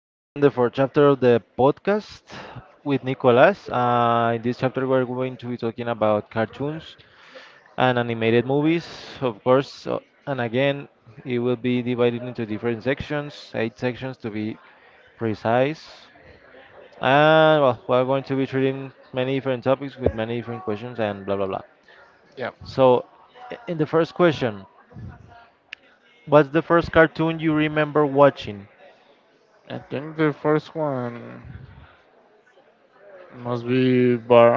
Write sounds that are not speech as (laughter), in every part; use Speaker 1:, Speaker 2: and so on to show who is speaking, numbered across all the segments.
Speaker 1: We're on the fourth chapter of the podcast with Nicolas. In this chapter, we're going to be talking about cartoons and animated movies, of course. And again, it will be divided into different sections, eight sections to be precise. And well, we're going to be treating many different topics with many different questions and blah blah blah.
Speaker 2: Yeah.
Speaker 1: So, in the first question, what's the first cartoon you remember watching?
Speaker 2: I think the first one must be Bar.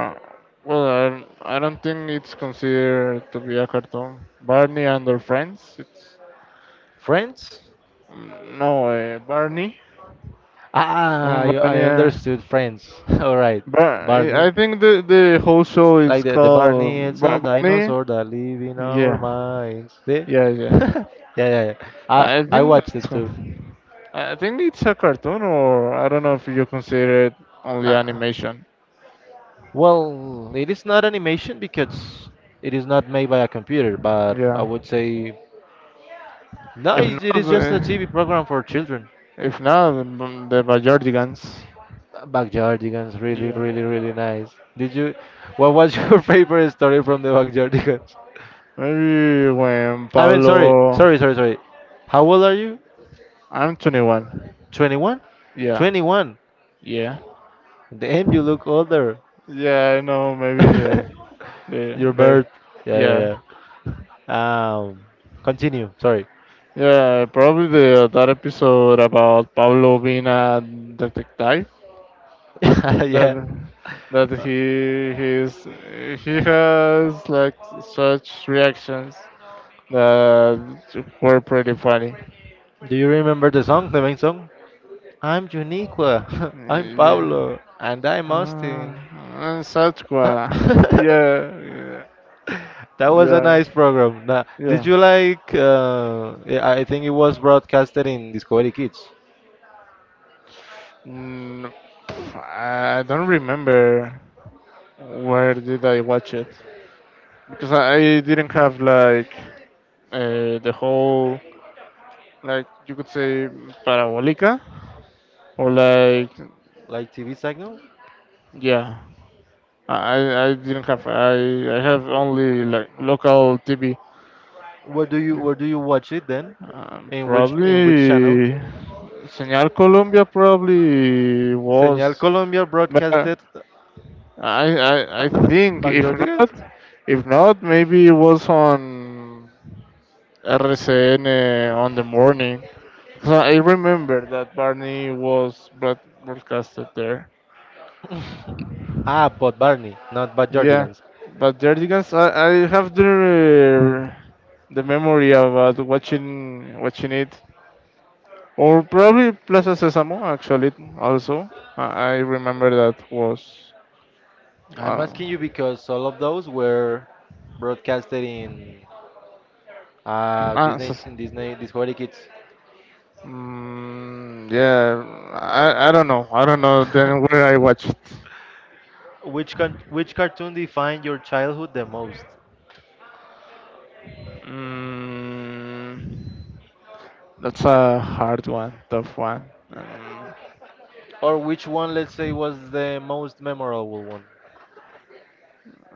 Speaker 2: Well, I don't think it's considered to be a cartoon. Barney and their friends. It's
Speaker 1: Friends?
Speaker 2: mm, no Barney.
Speaker 1: Ah, I
Speaker 2: Barney.
Speaker 1: understood Friends. (laughs) All right, Barney.
Speaker 2: I think the whole show
Speaker 1: Like
Speaker 2: is
Speaker 1: the Barney,
Speaker 2: called
Speaker 1: it's a
Speaker 2: Barney.
Speaker 1: dinosaur that live in our
Speaker 2: Yeah,
Speaker 1: minds. See?
Speaker 2: yeah,
Speaker 1: (laughs)
Speaker 2: yeah.
Speaker 1: Yeah, yeah, yeah.
Speaker 2: I
Speaker 1: I
Speaker 2: think
Speaker 1: watched it too.
Speaker 2: that's. I think it's a cartoon, or I don't know if you consider it only
Speaker 1: Uh,
Speaker 2: animation.
Speaker 1: it is not animation because it is not made by a computer, but I
Speaker 2: Yeah.
Speaker 1: would say no,
Speaker 2: If not,
Speaker 1: it is just
Speaker 2: uh,
Speaker 1: a TV program for children.
Speaker 2: If not, then the Bajordigans.
Speaker 1: Backyardigans, really,
Speaker 2: Yeah.
Speaker 1: really, really nice. Did you? What was your (laughs) favorite story from the Backyardigans?
Speaker 2: Maybe when
Speaker 1: I mean,
Speaker 2: Pablo.
Speaker 1: sorry. How old are you?
Speaker 2: I'm 21.
Speaker 1: 21?
Speaker 2: Yeah.
Speaker 1: 21.
Speaker 2: Yeah.
Speaker 1: Damn, you look older.
Speaker 2: Yeah, I know. Maybe the
Speaker 1: (laughs) Your
Speaker 2: bear.
Speaker 1: birth. Yeah,
Speaker 2: Yeah.
Speaker 1: yeah, yeah. Continue. Sorry.
Speaker 2: Yeah, probably the that episode about Pablo being a detective.
Speaker 1: (laughs)
Speaker 2: That
Speaker 1: Yeah.
Speaker 2: that
Speaker 1: Uh,
Speaker 2: he he's he has like such reactions that were pretty funny.
Speaker 1: do you remember the song, the main song? I'm Juniqua. (laughs) I'm
Speaker 2: Yeah.
Speaker 1: Pablo. And I'm
Speaker 2: Ah,
Speaker 1: Austin.
Speaker 2: ah,
Speaker 1: (laughs) That
Speaker 2: Sasquatch. Yeah, yeah,
Speaker 1: was a
Speaker 2: yeah,
Speaker 1: nice program. Now, did
Speaker 2: yeah.
Speaker 1: you like? Yeah, I think it was broadcasted in Discovery Kids,
Speaker 2: Mm, I don't remember where did I watch it because I didn't have like the whole, like you could say, parabolica or like
Speaker 1: like TV signal.
Speaker 2: yeah. I didn't have I have only like local TV.
Speaker 1: Where do you watch it then? In which channel?
Speaker 2: Probably Señal Colombia probably
Speaker 1: Señal
Speaker 2: was.
Speaker 1: Colombia broadcasted
Speaker 2: I,
Speaker 1: uh,
Speaker 2: I I
Speaker 1: uh,
Speaker 2: think
Speaker 1: by
Speaker 2: if
Speaker 1: Jordigans?
Speaker 2: not, maybe it was on RCN on the morning. So I remember that Barney was broadcasted there.
Speaker 1: Ah, but Barney, not by
Speaker 2: Yeah,
Speaker 1: Jordigans.
Speaker 2: but Jerdigans, I have the memory about watching it, or probably Plaza Sésamo actually also. I remember that was
Speaker 1: I'm
Speaker 2: uh,
Speaker 1: asking you because all of those were broadcasted in Disney Discovery Kids.
Speaker 2: mm, yeah. I don't know. I don't know then where I watched it.
Speaker 1: Which cartoon defined your childhood the most?
Speaker 2: Mm, that's a hard one, tough one.
Speaker 1: Or which one, let's say, was the most memorable one?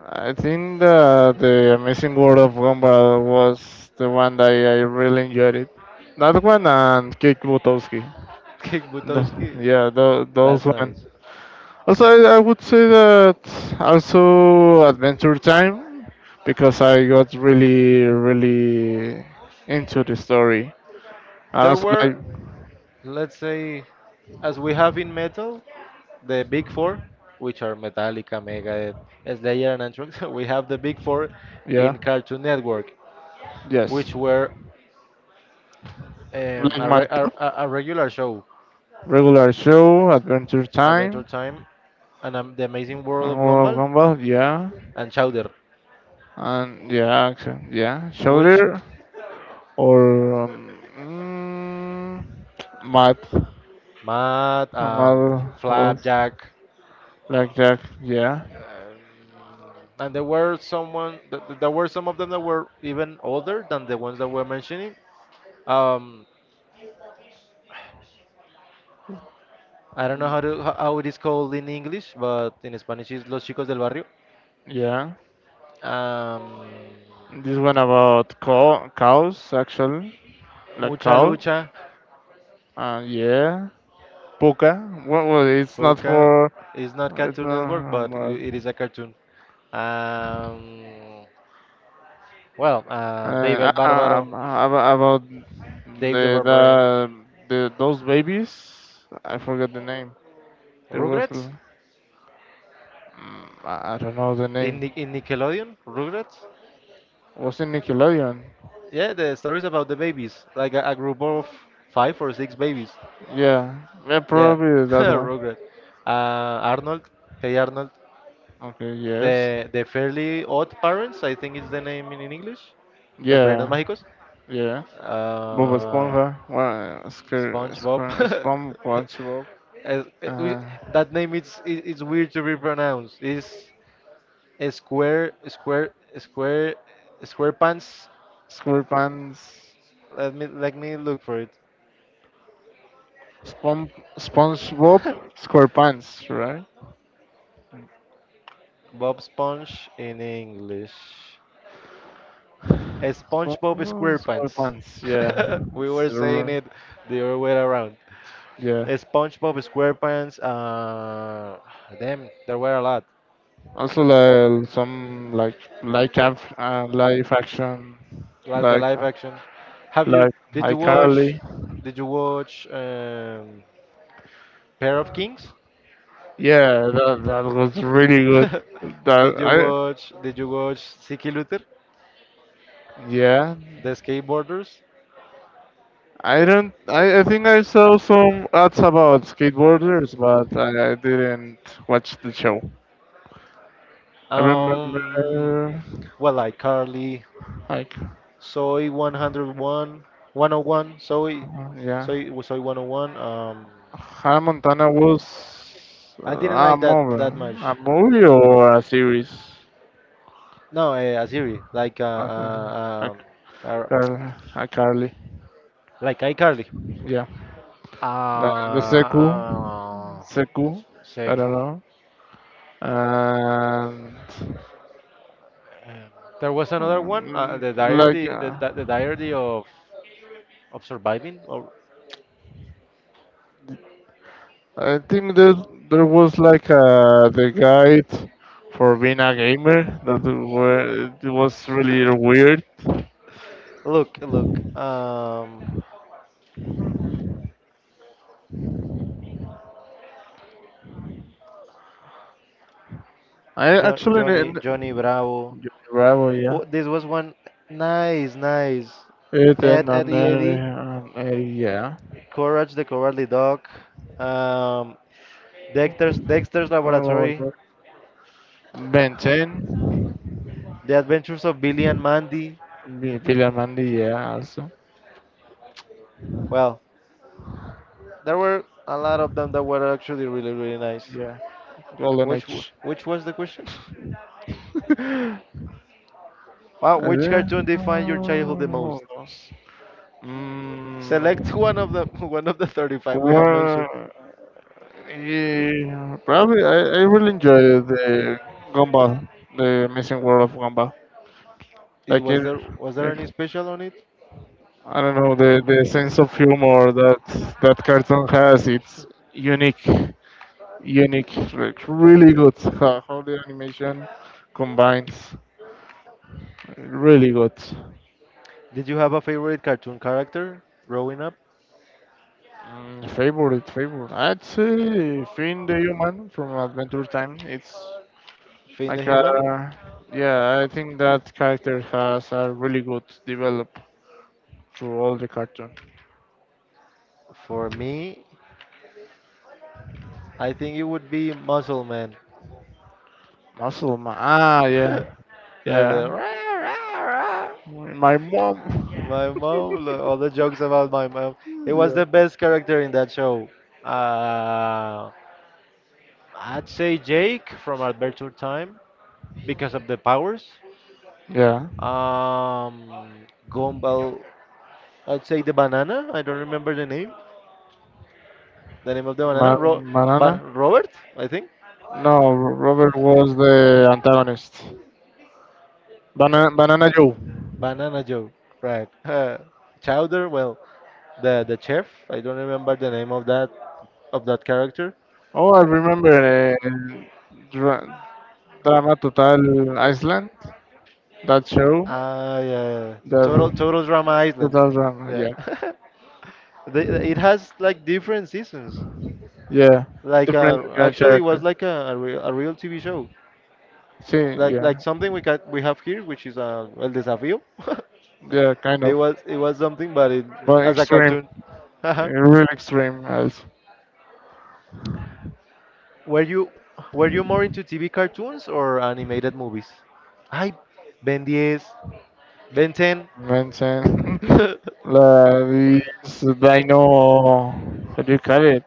Speaker 2: I think the Amazing World of Gumball was the one that I really enjoyed it. That one and Kick Butowski.
Speaker 1: (laughs) Kick
Speaker 2: The,
Speaker 1: Butowski.
Speaker 2: yeah, those
Speaker 1: That's
Speaker 2: one.
Speaker 1: nice.
Speaker 2: Also, I would say that also Adventure Time, because I got really, really into the story. And
Speaker 1: There
Speaker 2: also,
Speaker 1: were,
Speaker 2: like,
Speaker 1: let's say, as we have in metal, the big four, which are Metallica, Megadeth, Slayer, and Anthrax. (laughs) We have the big four
Speaker 2: yeah,
Speaker 1: in Cartoon Network,
Speaker 2: yes,
Speaker 1: which were
Speaker 2: like
Speaker 1: a,
Speaker 2: my
Speaker 1: re-
Speaker 2: top
Speaker 1: a regular show,
Speaker 2: regular show, Adventure
Speaker 1: Adventure
Speaker 2: Time,
Speaker 1: Time, and The Amazing World
Speaker 2: and
Speaker 1: of
Speaker 2: World of
Speaker 1: Gumball,
Speaker 2: Gumball, yeah,
Speaker 1: and Chowder,
Speaker 2: and yeah, action, yeah,
Speaker 1: which
Speaker 2: Shoulder, or Math.
Speaker 1: Matt,
Speaker 2: Normal was
Speaker 1: Flapjack,
Speaker 2: like that, yeah,
Speaker 1: mm, and there were someone, there were some of them that were even older than the ones that we're mentioning. Um, I don't know how to how how it is called in English, but in Spanish it's Los Chicos del Barrio.
Speaker 2: yeah.
Speaker 1: Um,
Speaker 2: This one about cows, actually, like
Speaker 1: Mucha
Speaker 2: cow.
Speaker 1: Lucha,
Speaker 2: Yeah, puka. Well, it's not
Speaker 1: Poca
Speaker 2: for.
Speaker 1: is not
Speaker 2: It's
Speaker 1: Cartoon Network,
Speaker 2: not
Speaker 1: but
Speaker 2: about.
Speaker 1: it is a cartoon. Um, well, Dave El Barbaro,
Speaker 2: About
Speaker 1: Dave the
Speaker 2: the,
Speaker 1: Barbarian,
Speaker 2: the those babies. I forgot the name. There was.
Speaker 1: Rugrats
Speaker 2: Mm, I don't know the
Speaker 1: in,
Speaker 2: name.
Speaker 1: In Nickelodeon, Rugrats.
Speaker 2: Was it Nickelodeon?
Speaker 1: Yeah, the stories about the babies, like a group of 5 or 6 babies.
Speaker 2: Yeah, yeah,
Speaker 1: Yeah,
Speaker 2: probably
Speaker 1: (laughs)
Speaker 2: that one.
Speaker 1: Rugrats. Uh, Arnold, Hey Arnold,
Speaker 2: Okay. Yes.
Speaker 1: the Fairly Odd Parents, I think is the name in English. Los Padrinos
Speaker 2: Yeah.
Speaker 1: Mágicos.
Speaker 2: Yeah. Bob
Speaker 1: Uh,
Speaker 2: Esponja. Well,
Speaker 1: SpongeBob. (laughs)
Speaker 2: SpongeBob.
Speaker 1: As- eh, we-
Speaker 2: Uh,
Speaker 1: that name is it's weird to be pronounced. It's a square square pants.
Speaker 2: SquarePants,
Speaker 1: Let me look for it.
Speaker 2: Spon- SpongeBob SquarePants, right?
Speaker 1: Bob Sponge in English. A SpongeBob
Speaker 2: SpongeBob
Speaker 1: SquarePants.
Speaker 2: SquarePants, yeah.
Speaker 1: (laughs) We
Speaker 2: It's,
Speaker 1: were saying
Speaker 2: r-
Speaker 1: it the other way around.
Speaker 2: yeah.
Speaker 1: A SpongeBob SquarePants. Damn, there were a lot.
Speaker 2: Also, like some like live action,
Speaker 1: Like the
Speaker 2: like
Speaker 1: live action. Have you?
Speaker 2: like
Speaker 1: Did you watch?
Speaker 2: iCarly.
Speaker 1: Did you watch um, Pair of Kings?
Speaker 2: Yeah, that that was really good. That
Speaker 1: (laughs)
Speaker 2: I
Speaker 1: Did you watch Siki Luther,
Speaker 2: yeah.
Speaker 1: the skateboarders?
Speaker 2: I don't. I think I saw some ads about skateboarders, but I didn't watch the show. I remember,
Speaker 1: Um, well, like Carly,
Speaker 2: like,
Speaker 1: Soy 101, 101,
Speaker 2: yeah,
Speaker 1: Soy 101.
Speaker 2: Hannah Montana was
Speaker 1: I didn't like that that much.
Speaker 2: a movie or a series.
Speaker 1: No, a series
Speaker 2: Okay. A,
Speaker 1: um, uh,
Speaker 2: Car- a Carly,
Speaker 1: like iCarly.
Speaker 2: yeah. The, the Seku,
Speaker 1: Uh,
Speaker 2: Seku, I don't
Speaker 1: Seku.
Speaker 2: know. And
Speaker 1: Um, There was another one,
Speaker 2: um,
Speaker 1: the diary,
Speaker 2: like, uh,
Speaker 1: the diary of surviving, or
Speaker 2: I think that there was like the guide for being a gamer that were, it was really weird.
Speaker 1: look, look,
Speaker 2: I
Speaker 1: jo
Speaker 2: actually n-
Speaker 1: Johnny, Johnny
Speaker 2: n-
Speaker 1: Bravo.
Speaker 2: Bravo, yeah.
Speaker 1: Oh, this was one nice, nice.
Speaker 2: It
Speaker 1: Ed,
Speaker 2: in
Speaker 1: Eddie,
Speaker 2: an area.
Speaker 1: Courage the Cowardly Dog, um, Dexter's
Speaker 2: I don't know
Speaker 1: Laboratory,
Speaker 2: what that. Ben 10,
Speaker 1: The Adventures of Billy and Mandy.
Speaker 2: Bilal Mandi, yeah, also.
Speaker 1: Well, there were a lot of them that were actually really, really nice.
Speaker 2: Yeah, Golden Age.
Speaker 1: Which was the question? (laughs)
Speaker 2: (laughs)
Speaker 1: Wow, which
Speaker 2: Uh,
Speaker 1: cartoon defined your childhood the
Speaker 2: what
Speaker 1: most?
Speaker 2: else?
Speaker 1: Select one
Speaker 2: Mm,
Speaker 1: of them. (laughs) One of the 35 we have
Speaker 2: well,
Speaker 1: mentioned.
Speaker 2: yeah, probably I really enjoy the Gumball, the Amazing World of Gumball.
Speaker 1: Is,
Speaker 2: Like
Speaker 1: was
Speaker 2: it,
Speaker 1: there Was there any special on it?
Speaker 2: I don't know the sense of humor that cartoon has. It's unique, unique, like really good. How the animation combines, really good.
Speaker 1: Did you have a favorite cartoon character growing up?
Speaker 2: Mm, favorite. I'd say Finn the Human from Adventure Time. It's
Speaker 1: Finn the
Speaker 2: like a
Speaker 1: Human.
Speaker 2: yeah. I think that character has a really good develop through all the cartoon.
Speaker 1: For me, I think it would be Muscle Man.
Speaker 2: Muscle Man. Ah, yeah,
Speaker 1: (laughs)
Speaker 2: yeah.
Speaker 1: The rah, rah, rah.
Speaker 2: My mom.
Speaker 1: My mom, all the jokes about my mom. It
Speaker 2: (laughs)
Speaker 1: was
Speaker 2: yeah.
Speaker 1: the best character in that show. Uh, I'd say Jake from Adventure Time, because of the powers.
Speaker 2: Yeah.
Speaker 1: Um, Gumball, I'd say the banana. I don't remember the name. The name of the banana,
Speaker 2: Man- Banana?
Speaker 1: Robert, I think.
Speaker 2: No, Robert was the antagonist. Banana, Banana Joe.
Speaker 1: Banana Joe, right? (laughs) Chowder, well, the chef. I don't remember the name of that character.
Speaker 2: Oh, I remember dra- Drama Total Iceland. That show.
Speaker 1: Ah, yeah, yeah, yeah. Total
Speaker 2: That
Speaker 1: total drama island.
Speaker 2: Total Drama.
Speaker 1: Yeah,
Speaker 2: Yeah,
Speaker 1: (laughs) the- it has like different seasons.
Speaker 2: yeah.
Speaker 1: Like
Speaker 2: Different kind of
Speaker 1: actually, it was
Speaker 2: character.
Speaker 1: like a real TV show.
Speaker 2: See,
Speaker 1: Like
Speaker 2: yeah,
Speaker 1: something we got we have here, which is El Desafío.
Speaker 2: yeah,
Speaker 1: (laughs)
Speaker 2: kind
Speaker 1: It
Speaker 2: of,
Speaker 1: was it was something, but it,
Speaker 2: but
Speaker 1: as a
Speaker 2: extreme,
Speaker 1: cartoon. (laughs)
Speaker 2: real extreme, as
Speaker 1: were you were you more into TV cartoons or animated movies? I Ben 10, Ben 10,
Speaker 2: mentioned. (laughs)
Speaker 1: (laughs)
Speaker 2: like this dino. What do you call it?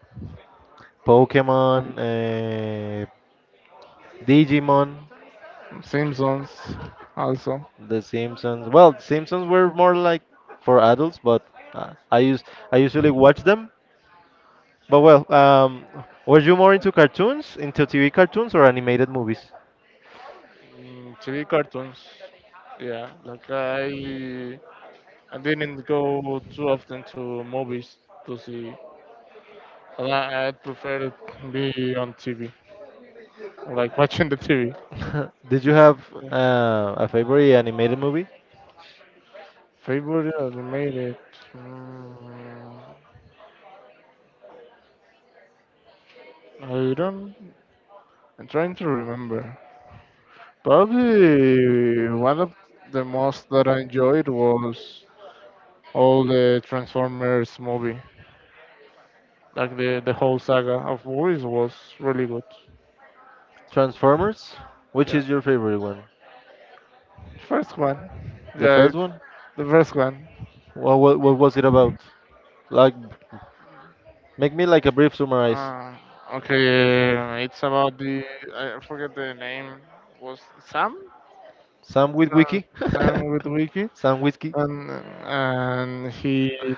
Speaker 1: Pokemon, Digimon,
Speaker 2: Simpsons. Also.
Speaker 1: The Simpsons. Well, Simpsons were more like for adults, but uh, I use I usually watch them. But well, were you more into cartoons, into TV cartoons or animated movies?
Speaker 2: Mm, TV cartoons. Yeah, like I didn't go too often to movies to see. And I prefer it be on TV, like watching the TV.
Speaker 1: (laughs) Did you have
Speaker 2: Yeah.
Speaker 1: a favorite animated movie?
Speaker 2: Favorite animated? Mm, I don't. I'm trying to remember. Probably one of the most that I enjoyed was all the Transformers movie. Like the whole saga of movies was really good.
Speaker 1: Transformers? Which
Speaker 2: Yeah.
Speaker 1: is your favorite one?
Speaker 2: First one.
Speaker 1: The
Speaker 2: Yeah,
Speaker 1: first
Speaker 2: it-
Speaker 1: one?
Speaker 2: the first one.
Speaker 1: What was it about? Like, make me like a brief summarize.
Speaker 2: Uh, okay, it's about the I forget the name. Was Sam?
Speaker 1: Sam with
Speaker 2: Sam,
Speaker 1: Wiki,
Speaker 2: Sam with Wiki.
Speaker 1: (laughs) Sam Whiskey,
Speaker 2: And, and he.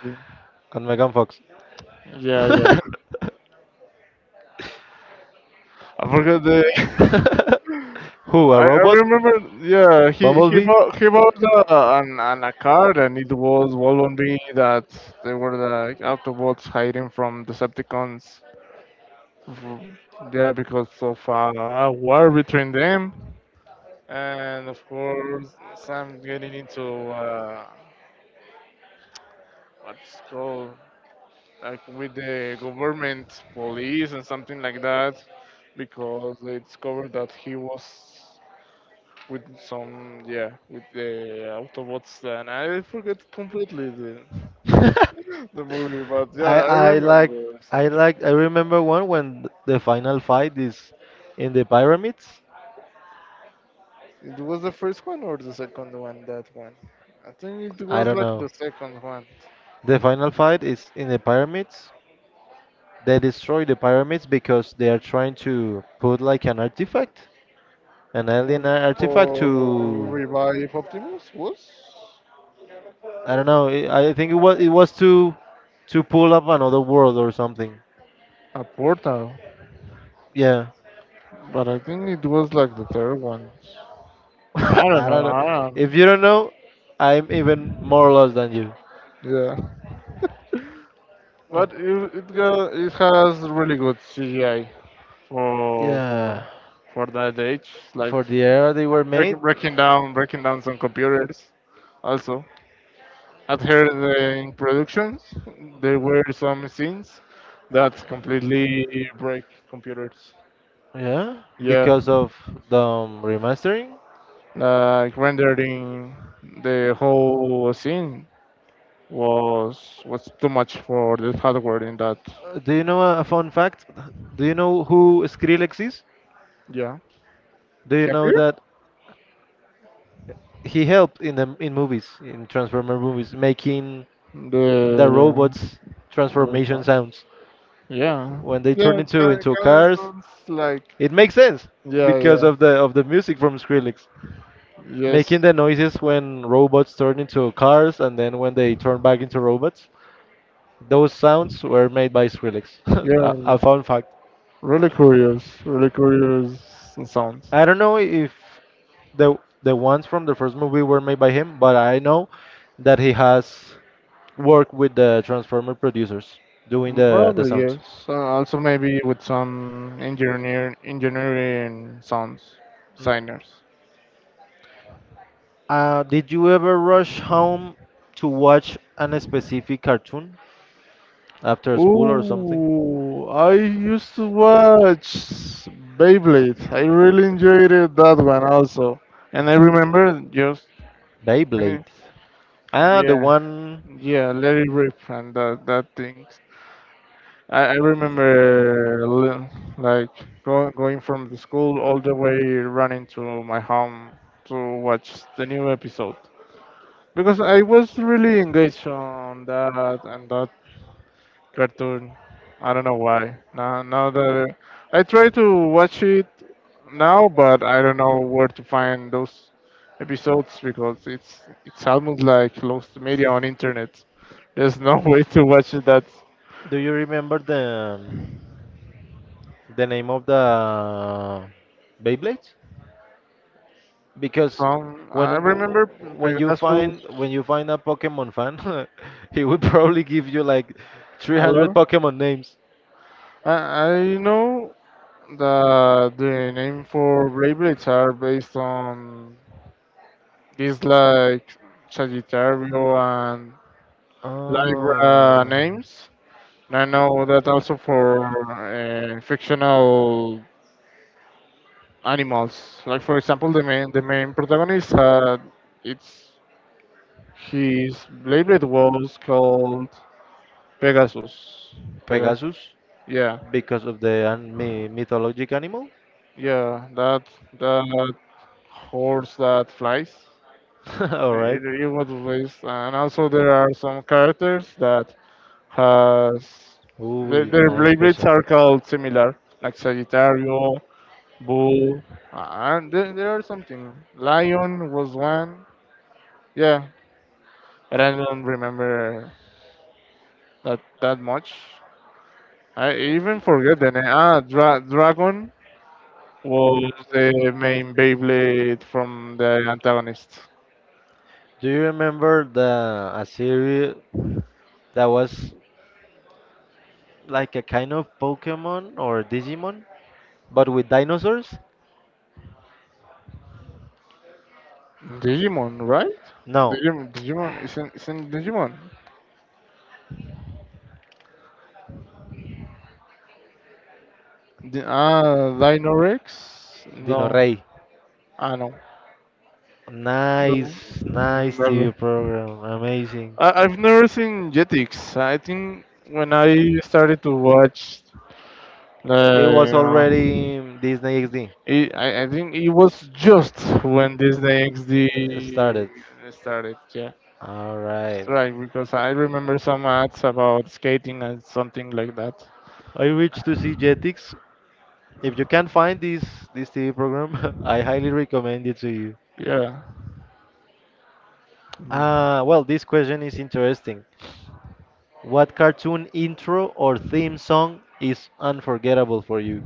Speaker 1: and Megan Fox. (laughs)
Speaker 2: Yeah, yeah. I forgot the. (laughs)
Speaker 1: Who? A
Speaker 2: I
Speaker 1: robot?
Speaker 2: remember, yeah,
Speaker 1: Bumblebee?
Speaker 2: he bought a card, and it was Volvon B that they were the Autobots hiding from Decepticons. Mhm. Yeah, because of a war between them, and of course some getting into what's called, like with the government police and something like that, because they discovered that he was with some yeah with the autobots, and I forget completely the, (laughs) the
Speaker 1: (laughs)
Speaker 2: movie but yeah
Speaker 1: I
Speaker 2: I
Speaker 1: I
Speaker 2: remember
Speaker 1: like I
Speaker 2: something
Speaker 1: like I remember one when the final fight is in the pyramids.
Speaker 2: it was the first one or the second one that one I think it
Speaker 1: I
Speaker 2: was
Speaker 1: don't
Speaker 2: like
Speaker 1: know.
Speaker 2: the second one.
Speaker 1: The final fight is in the pyramids. They destroy the pyramids because they are trying to put like an artifact, an alien
Speaker 2: um,
Speaker 1: artifact
Speaker 2: for
Speaker 1: to
Speaker 2: revive optimus was
Speaker 1: I don't know. I think it was to pull up another world or something.
Speaker 2: a portal,
Speaker 1: Yeah.
Speaker 2: but I think it was like the third one. I
Speaker 1: (laughs)
Speaker 2: don't
Speaker 1: I
Speaker 2: know.
Speaker 1: don't know.
Speaker 2: I
Speaker 1: If
Speaker 2: don't.
Speaker 1: you don't know, I'm even more lost than you.
Speaker 2: Yeah, but it has really good CGI for
Speaker 1: Yeah,
Speaker 2: for for that age, like
Speaker 1: for the era they were made.
Speaker 2: breaking down some computers. Also, at her in productions, there were some scenes that completely break computers.
Speaker 1: Yeah,
Speaker 2: Yeah,
Speaker 1: because of the remastering.
Speaker 2: like rendering the whole scene was too much for the hardware in that.
Speaker 1: Do you know a fun fact? Do you know who Skrillex is?
Speaker 2: Yeah.
Speaker 1: Do you know
Speaker 2: Happier?
Speaker 1: that he helped in the in movies, in Transformer movies, making the
Speaker 2: The
Speaker 1: robots transformation
Speaker 2: the
Speaker 1: sounds
Speaker 2: yeah.
Speaker 1: when they
Speaker 2: Yeah,
Speaker 1: turn
Speaker 2: it
Speaker 1: into
Speaker 2: kind of
Speaker 1: cars?
Speaker 2: sounds like
Speaker 1: It makes sense
Speaker 2: yeah,
Speaker 1: because
Speaker 2: yeah,
Speaker 1: of the music from Skrillex,
Speaker 2: yes,
Speaker 1: making the noises when robots turn into cars and then when they turn back into robots. Those sounds were made by Skrillex. (laughs)
Speaker 2: yeah.
Speaker 1: A, a
Speaker 2: Yeah.
Speaker 1: fun fact.
Speaker 2: Really curious sounds.
Speaker 1: I don't know if the the ones from the first movie were made by him, but I know that he has worked with the Transformer producers doing the
Speaker 2: Probably
Speaker 1: sounds.
Speaker 2: yes. Also maybe with some engineering sounds, signers.
Speaker 1: Did you ever rush home to watch an specific cartoon after school or something?
Speaker 2: Oh, I used to watch Beyblade. I really enjoyed it, that one also. And I remember just
Speaker 1: Beyblade.
Speaker 2: fini-
Speaker 1: Ah, the
Speaker 2: yeah,
Speaker 1: one.
Speaker 2: yeah, Let It Rip and that things. I remember like going from the school all the way running to my home to watch the new episode, because I was really engaged on that cartoon. I don't know why. Now that I try to watch it now, but I don't know where to find those episodes because it's almost like lost media on internet. There's no (laughs) way to watch that.
Speaker 1: Do you remember the name of the Beyblade? Because
Speaker 2: Some
Speaker 1: when
Speaker 2: I remember Pegasus
Speaker 1: when you find a Pokemon fan, (laughs) he will probably give you like
Speaker 2: a
Speaker 1: 300
Speaker 2: lot.
Speaker 1: Pokemon names.
Speaker 2: I know that the name for Beyblades are based on these like Sagittario and Libra
Speaker 1: Ah,
Speaker 2: names. And I know that also for fictional animals. Like for example, the main protagonist had it's his Beyblade was called Pegasus. Pegasus.
Speaker 1: Pegasus,
Speaker 2: Yeah,
Speaker 1: because of the mythologic animal.
Speaker 2: yeah. That that horse that flies.
Speaker 1: (laughs) All right.
Speaker 2: It was released, and also there are some characters that has
Speaker 1: Ooh,
Speaker 2: their
Speaker 1: nice
Speaker 2: Beyblades
Speaker 1: question.
Speaker 2: are called similar, like Sagittario Bull, and there are something. Lion was one. Yeah, but I don't remember that that much. I even forget the name. Ah, Dragon was the main Beyblade from the antagonist.
Speaker 1: Do you remember the a series that was like a kind of Pokemon or Digimon, but with dinosaurs?
Speaker 2: Digimon, right?
Speaker 1: No,
Speaker 2: Digimon, Digimon isn't Digimon. Dino Rex?
Speaker 1: Dino.
Speaker 2: No, I know. No,
Speaker 1: Nice, nice TV
Speaker 2: never.
Speaker 1: program. Amazing.
Speaker 2: I've never seen Jetix. I think when I started to watch, Like,
Speaker 1: It was
Speaker 2: uh,
Speaker 1: already Disney XD
Speaker 2: I think it was just when Disney XD
Speaker 1: started.
Speaker 2: started. Yeah,
Speaker 1: All right.
Speaker 2: right. Because I remember some ads about skating and something like that.
Speaker 1: I wish to see Jetix. If you can find this TV program, (laughs) I highly recommend it to you.
Speaker 2: Yeah, Mm.
Speaker 1: Ah, well, this question is interesting. What cartoon intro or theme song is unforgettable for you?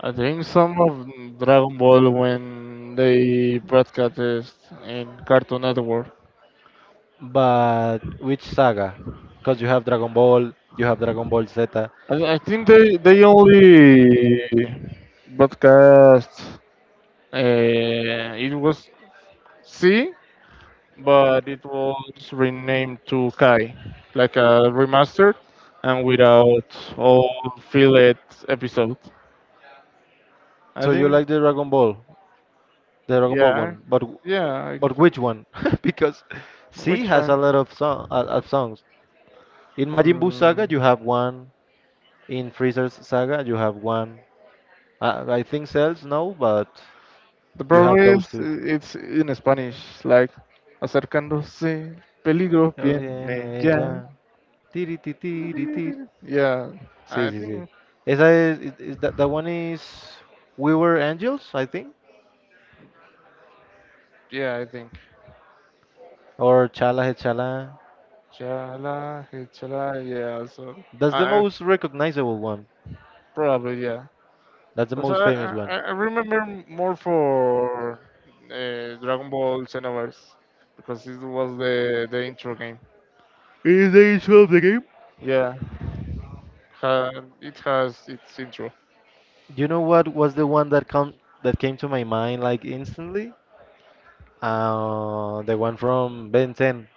Speaker 2: I think some of Dragon Ball when they broadcast it in Cartoon Network.
Speaker 1: But which saga? Because you have Dragon Ball, you have Dragon Ball Z.
Speaker 2: I think they only broadcast. It was C, but it was renamed to Kai, like a remastered and without all filler episode. I
Speaker 1: So you
Speaker 2: think,
Speaker 1: like the Dragon Ball
Speaker 2: yeah,
Speaker 1: one.
Speaker 2: yeah. I
Speaker 1: But
Speaker 2: can.
Speaker 1: which one? (laughs) Because C
Speaker 2: Which
Speaker 1: has a
Speaker 2: one?
Speaker 1: lot of song of songs. In Majin Buu saga,
Speaker 2: Mm,
Speaker 1: you have one. In Freezer's saga, you have one. I think Cells no, but
Speaker 2: the
Speaker 1: you
Speaker 2: problem
Speaker 1: have
Speaker 2: is
Speaker 1: those two.
Speaker 2: it's in Spanish, like acercándose, peligro
Speaker 1: Oh, bien,
Speaker 2: viene ya.
Speaker 1: ella. Tiri, ti, tiri, tiri,
Speaker 2: Yeah,
Speaker 1: sí,
Speaker 2: I
Speaker 1: sí,
Speaker 2: think.
Speaker 1: sí. Esa es, is that, that one is We Were Angels, I think,
Speaker 2: Yeah, I think.
Speaker 1: or Chala He Chala.
Speaker 2: Chala, eh, chala, yeah. So,
Speaker 1: That's the
Speaker 2: I
Speaker 1: most recognizable one.
Speaker 2: probably yeah.
Speaker 1: That's the
Speaker 2: So
Speaker 1: most famous one.
Speaker 2: I remember more for Dragon Ball Xenoverse because it was the intro game.
Speaker 1: Is the issue of the game?
Speaker 2: Yeah. Ha, it has its intro.
Speaker 1: You know what was the one that come that came to my mind like instantly? The one from Ben 10.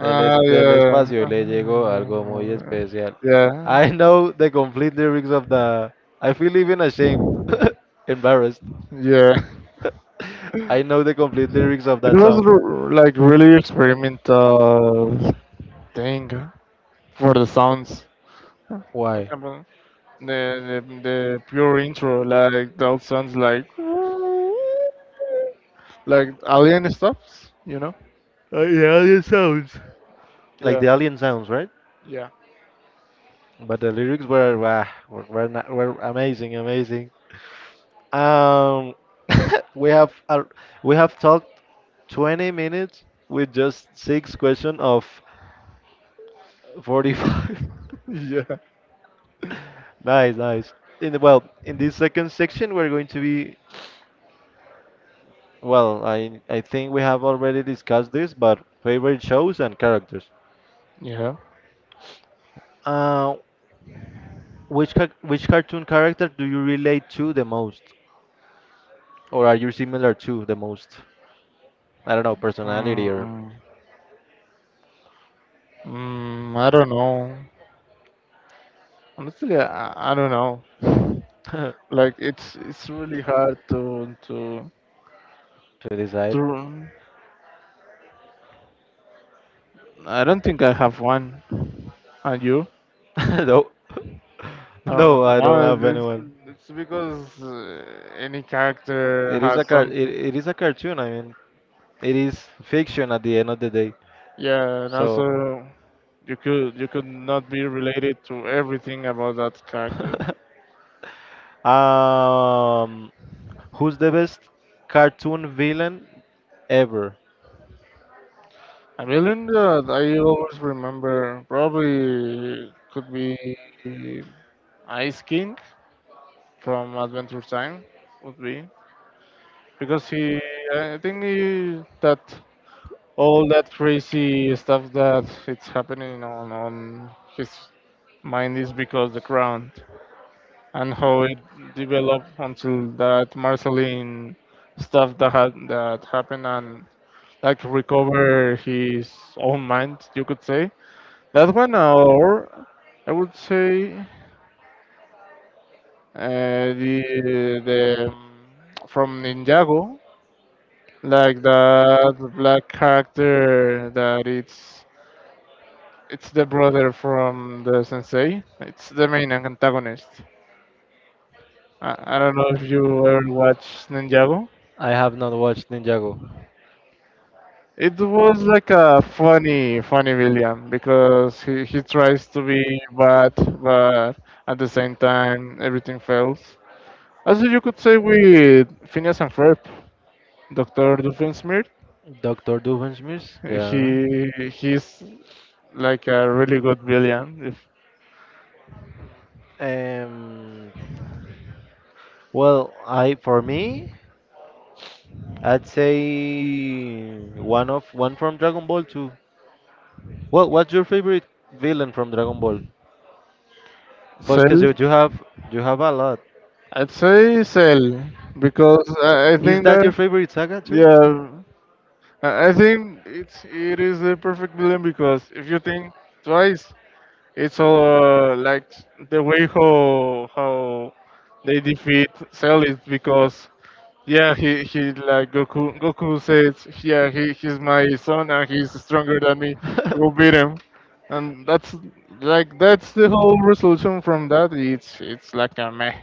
Speaker 1: Del, del espacio le
Speaker 2: yeah,
Speaker 1: llegó algo muy especial.
Speaker 2: yeah,
Speaker 1: I know the complete lyrics of the. I feel even ashamed, (laughs) embarrassed.
Speaker 2: yeah.
Speaker 1: (laughs) I know the complete lyrics of that song.
Speaker 2: Like really experimental thing for the sounds. For
Speaker 1: Why?
Speaker 2: example, the the pure intro like that sounds like alien stuffs, you know.
Speaker 1: Like the alien sounds. Like
Speaker 2: Yeah.
Speaker 1: the alien sounds, right?
Speaker 2: Yeah.
Speaker 1: But the lyrics were wah, were amazing, amazing. Um, (laughs) we have talked 20 minutes with just six question of 45.
Speaker 2: (laughs) Yeah.
Speaker 1: (laughs) Nice, nice. In the, well, in this second section, we're going to be well, I think we have already discussed this, but favorite shows and characters.
Speaker 2: Yeah.
Speaker 1: Uh, which cartoon character do you relate to the most, or are you similar to the most? I don't know, personality or
Speaker 2: Mm, I don't know. Honestly, I don't know. (laughs)
Speaker 1: (laughs) to
Speaker 2: Like it's really hard
Speaker 1: decide.
Speaker 2: to. I don't think I have one. And you?
Speaker 1: (laughs) No, (laughs)
Speaker 2: I
Speaker 1: no,
Speaker 2: don't
Speaker 1: I don't have
Speaker 2: know.
Speaker 1: anyone.
Speaker 2: It's because any character
Speaker 1: It is
Speaker 2: has
Speaker 1: a car it,
Speaker 2: something.
Speaker 1: it is a cartoon. I mean, it is fiction at the end of the day.
Speaker 2: Yeah, and
Speaker 1: So.
Speaker 2: also you could not be related to everything about that character.
Speaker 1: (laughs) um, Who's the best cartoon villain ever?
Speaker 2: Melinda, I always remember probably could be Ice King from Adventure Time would be, because he I think he, that all that crazy stuff that it's happening on his mind is because the crown, and how it developed until that Marceline stuff that had that happened, and like recover his own mind, you could say. That one, or I would say the from Ninjago, like that black character that it's the brother from the sensei. It's the main antagonist. I don't know if you ever watched Ninjago.
Speaker 1: I have not watched Ninjago.
Speaker 2: It was like a funny villain because he tries to be bad, but at the same time everything fails. Also, you could say with Phineas and Ferb, Doctor Doofenshmirtz.
Speaker 1: Dr. Doofenshmirtz? Yeah.
Speaker 2: He's like a really good villain. If
Speaker 1: Um, well, I for me, I'd say one from Dragon Ball too. Well, what's your favorite villain from Dragon Ball? Well, because
Speaker 2: Cell,
Speaker 1: you have you have a lot.
Speaker 2: I'd say Cell because I
Speaker 1: Is
Speaker 2: think
Speaker 1: that
Speaker 2: that,
Speaker 1: your favorite saga too?
Speaker 2: yeah, I think it's it is the perfect villain because if you think twice, it's all like the way how they defeat Cell is because, yeah, he like Goku. Goku says, "Yeah, he's my son and he's stronger than me. Go beat him." And that's the whole resolution from that. It's like
Speaker 1: Is.
Speaker 2: a meh.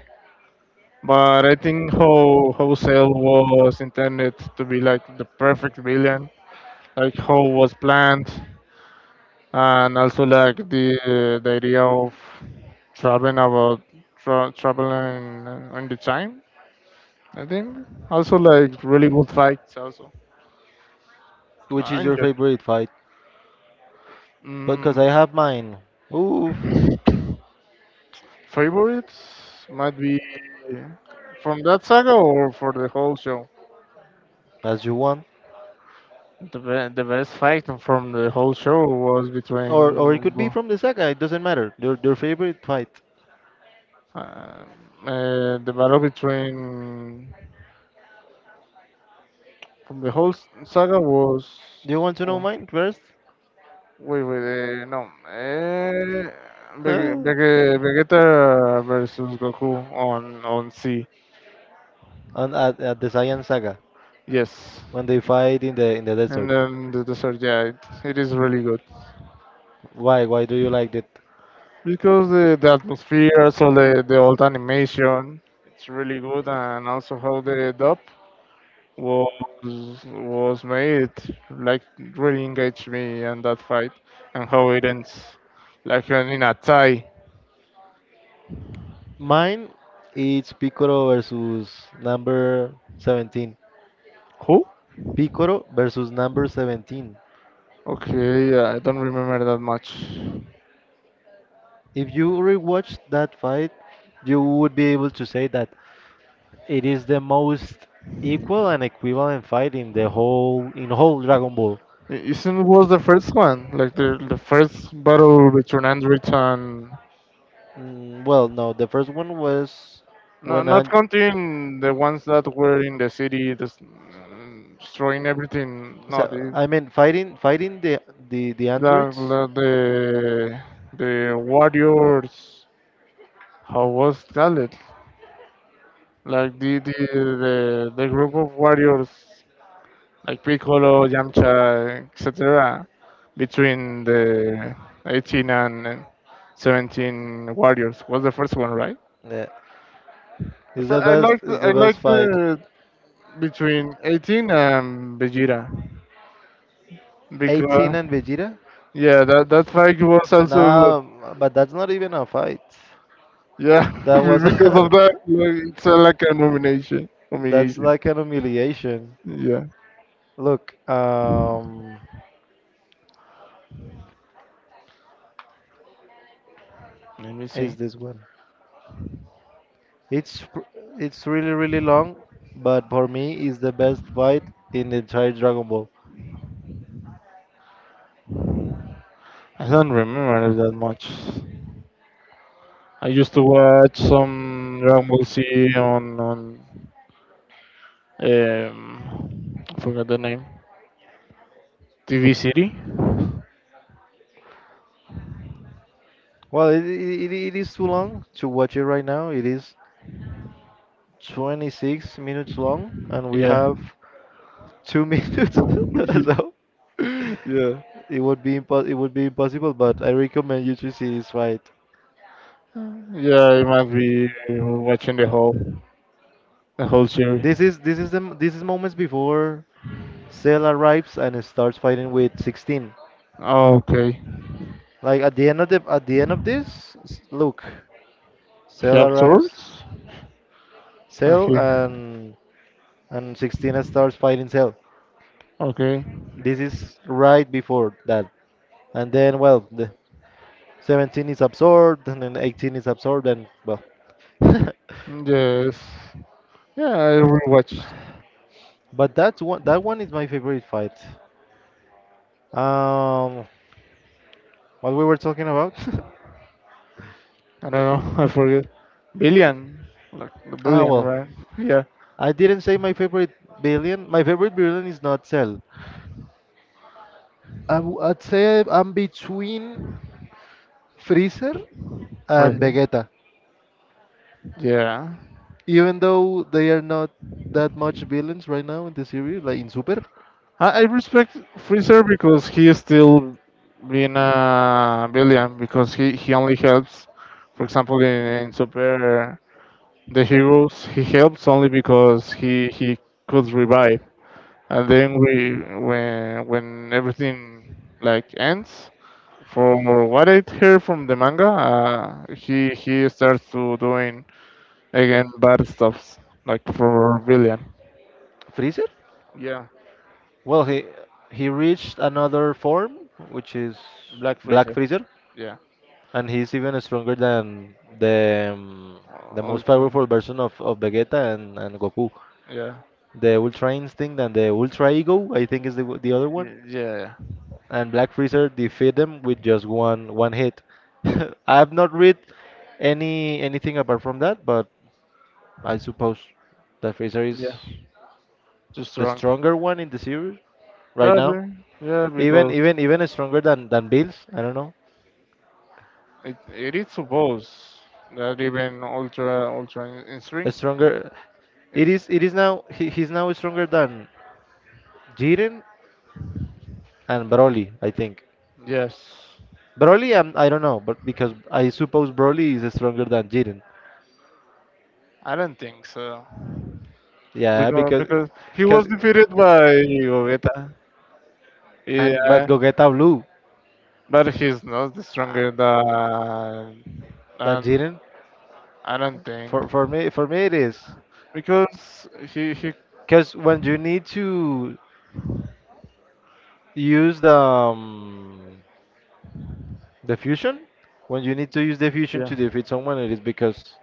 Speaker 2: But I think how Cell was intended to be like the perfect villain, like how was planned, and also like the idea of traveling about traveling on the time. I think also like really good fights also.
Speaker 1: Which is your
Speaker 2: Manga.
Speaker 1: favorite fight? But cause
Speaker 2: Mm,
Speaker 1: I have mine. Oof,
Speaker 2: favorites might be from that saga or for the whole show.
Speaker 1: that's your one.
Speaker 2: The best fight from the whole show was
Speaker 1: Or it
Speaker 2: between
Speaker 1: could be from the saga. It doesn't matter. Your favorite fight.
Speaker 2: um, the battle between from the whole saga was,
Speaker 1: Do you want to know
Speaker 2: oh,
Speaker 1: mine first?
Speaker 2: wait, no, uh,
Speaker 1: (laughs)
Speaker 2: Vege-
Speaker 1: and
Speaker 2: Vege- Vegeta versus Goku on C,
Speaker 1: At the Saiyan saga
Speaker 2: yes,
Speaker 1: when they fight in the desert.
Speaker 2: and then the dessert, yeah, it is really good
Speaker 1: Why? Why do you like it?
Speaker 2: because the atmosphere, also the old animation, it's really good, and also how the dub was was made, it, like really engaged me in that fight, and how it ends, like in a tie.
Speaker 1: Mine is Piccolo versus number 17.
Speaker 2: Who?
Speaker 1: Piccolo versus number 17.
Speaker 2: Okay, yeah, I don't remember that much.
Speaker 1: If you rewatch that fight, you would be able to say that it is the most equal and equivalent fight in the whole Dragon Ball.
Speaker 2: Isn't it was the first one, like the first battle between androids and,
Speaker 1: Well, no, the first one was
Speaker 2: no,
Speaker 1: when I.
Speaker 2: not counting the ones that were in the city, just destroying everything. No, the,
Speaker 1: I mean fighting the
Speaker 2: La,
Speaker 1: androids.
Speaker 2: la de the Warriors, how was called? Like the group of Warriors, like Piccolo, Yamcha, etc. Between the 18 and 17 Warriors was the first one, right?
Speaker 1: Yeah. It's
Speaker 2: So
Speaker 1: the
Speaker 2: I
Speaker 1: best.
Speaker 2: like
Speaker 1: It's the best fight.
Speaker 2: the between 18 and Vegeta
Speaker 1: 18
Speaker 2: because,
Speaker 1: and Vegeta.
Speaker 2: yeah, that fight was also,
Speaker 1: No, but that's not even a fight.
Speaker 2: yeah,
Speaker 1: That
Speaker 2: (laughs)
Speaker 1: was
Speaker 2: because of that,
Speaker 1: (laughs)
Speaker 2: like, it's like a nomination,
Speaker 1: that's
Speaker 2: humiliation.
Speaker 1: like an humiliation.
Speaker 2: Yeah.
Speaker 1: Look,
Speaker 2: Let me see.
Speaker 1: is this one? It's pr- it's really really long, but for me, it's the best fight in the entire Dragon Ball.
Speaker 2: I don't remember it that much. I used to watch some Dragon Ball Z on I forgot the name. TV City.
Speaker 1: Well, it is too long to watch it right now. It is 26 minutes long, and we
Speaker 2: Yeah.
Speaker 1: have two (laughs) minutes. (laughs)
Speaker 2: (laughs)
Speaker 1: so
Speaker 2: Yeah.
Speaker 1: it would be it would be impossible, but I recommend you to see his fight.
Speaker 2: Yeah. I might be watching the whole series.
Speaker 1: This is this is moments before Cell arrives and starts fighting with 16.
Speaker 2: Oh, okay.
Speaker 1: Like at the end of the at the end of look,
Speaker 2: He
Speaker 1: Cell arrives,
Speaker 2: absorbs. Ah,
Speaker 1: Cell
Speaker 2: here.
Speaker 1: and 16 starts fighting Cell.
Speaker 2: Okay.
Speaker 1: This is right before that, and then well, the 17 is absorbed, and then 18 is absorbed, and well, (laughs)
Speaker 2: Yes. Yeah, I rewatch.
Speaker 1: But that's one. That one is my favorite fight. Um, what we were talking about?
Speaker 2: I don't know. (laughs) I forget. Billion, like the
Speaker 1: (laughs) ah,
Speaker 2: billion,
Speaker 1: well,
Speaker 2: right? Yeah,
Speaker 1: I didn't say my favorite villain. My favorite villain is not Cell. I'd say I'm between Freezer and
Speaker 2: Freezer.
Speaker 1: Vegeta,
Speaker 2: Yeah,
Speaker 1: even though they are not that much villains right now in the series, like in Super.
Speaker 2: I respect Freezer because he is still being a billion because he only helps. For example, in Super, the heroes he helps only because he could revive, and then we when everything like ends. From what I hear from the manga, he starts to doing, again, bad stuffs like for villain.
Speaker 1: Freezer?
Speaker 2: Yeah,
Speaker 1: Well, he reached another form, which is
Speaker 2: Black
Speaker 1: Black
Speaker 2: Fraser.
Speaker 1: Freezer.
Speaker 2: Yeah,
Speaker 1: And he's even stronger than the most
Speaker 2: Ultra.
Speaker 1: powerful version of Vegeta and Goku.
Speaker 2: Yeah,
Speaker 1: The Ultra Instinct and the Ultra Ego, I think is the other one.
Speaker 2: yeah,
Speaker 1: And Black Freezer defeat them with just one hit. (laughs) I've not read anything apart from that, but I suppose that Freezer is
Speaker 2: yeah. Too
Speaker 1: the
Speaker 2: strong.
Speaker 1: stronger one in the series right now.
Speaker 2: Probably. Yeah.
Speaker 1: Even
Speaker 2: Because
Speaker 1: even even stronger than Bills. I don't know.
Speaker 2: it is supposed that even ultra in string.
Speaker 1: Stronger.
Speaker 2: It's.
Speaker 1: It is now he's now stronger than Jiren and Broly, I think.
Speaker 2: Yes.
Speaker 1: Broly, I don't know, but because I suppose Broly is stronger than Jiren.
Speaker 2: I don't think so.
Speaker 1: Yeah,
Speaker 2: because because he
Speaker 1: because,
Speaker 2: was defeated by Gogeta.
Speaker 1: and but
Speaker 2: Yeah,
Speaker 1: Gogeta Blue
Speaker 2: but he's not the
Speaker 1: uh,
Speaker 2: stronger than
Speaker 1: than
Speaker 2: than
Speaker 1: Jiren.
Speaker 2: I don't think
Speaker 1: For me it is
Speaker 2: because he,
Speaker 1: because when you need to use the fusion, when you need to use the fusion
Speaker 2: yeah,
Speaker 1: to defeat someone, it is because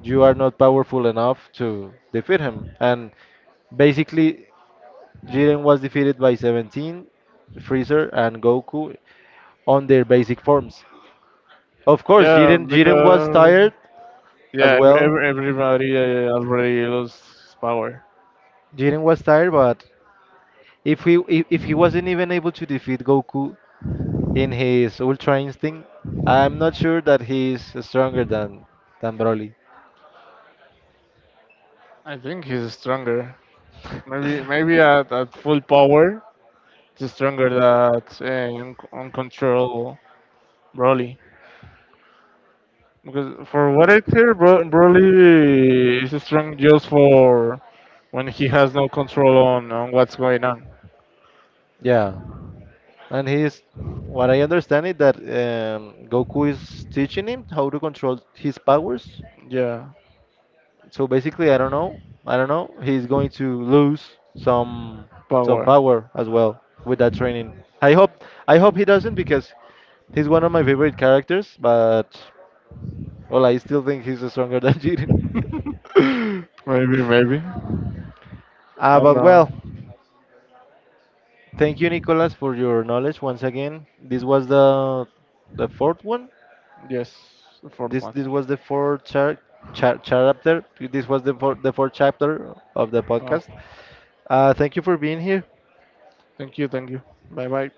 Speaker 1: you are not powerful enough to defeat him. And basically, Jiren was defeated by 17, Freezer, and Goku on their basic forms. Of course,
Speaker 2: yeah,
Speaker 1: Jiren was
Speaker 2: because,
Speaker 1: tired as
Speaker 2: yeah, ev-
Speaker 1: well.
Speaker 2: ev- everybody already lost his power.
Speaker 1: Jiren was tired, but if he if he wasn't even able to defeat Goku in his Ultra Instinct, I'm not sure that he's stronger than Broly.
Speaker 2: I think he's stronger. Maybe at full power, he's stronger than uncontrollable Broly. Because for what I hear, Broly is strong just for when he has no control on what's going on.
Speaker 1: Yeah, and he's what I understand it that Goku is teaching him how to control his powers.
Speaker 2: Yeah,
Speaker 1: So basically, I don't know. I don't know. He's going to lose some
Speaker 2: power.
Speaker 1: power as well with that training. I hope I hope he doesn't because he's one of my favorite characters. But well, I still think he's stronger (laughs) than Jiren.
Speaker 2: (laughs) maybe maybe. I
Speaker 1: Uh,
Speaker 2: don't
Speaker 1: but
Speaker 2: know.
Speaker 1: well, thank you, Nicolas, for your knowledge once again. This was the fourth one.
Speaker 2: Yes, the fourth one.
Speaker 1: This was the fourth char char chapter. This was the fourth chapter of the
Speaker 2: Oh.
Speaker 1: podcast. Thank you for being here.
Speaker 2: Thank you. Thank you. Bye bye.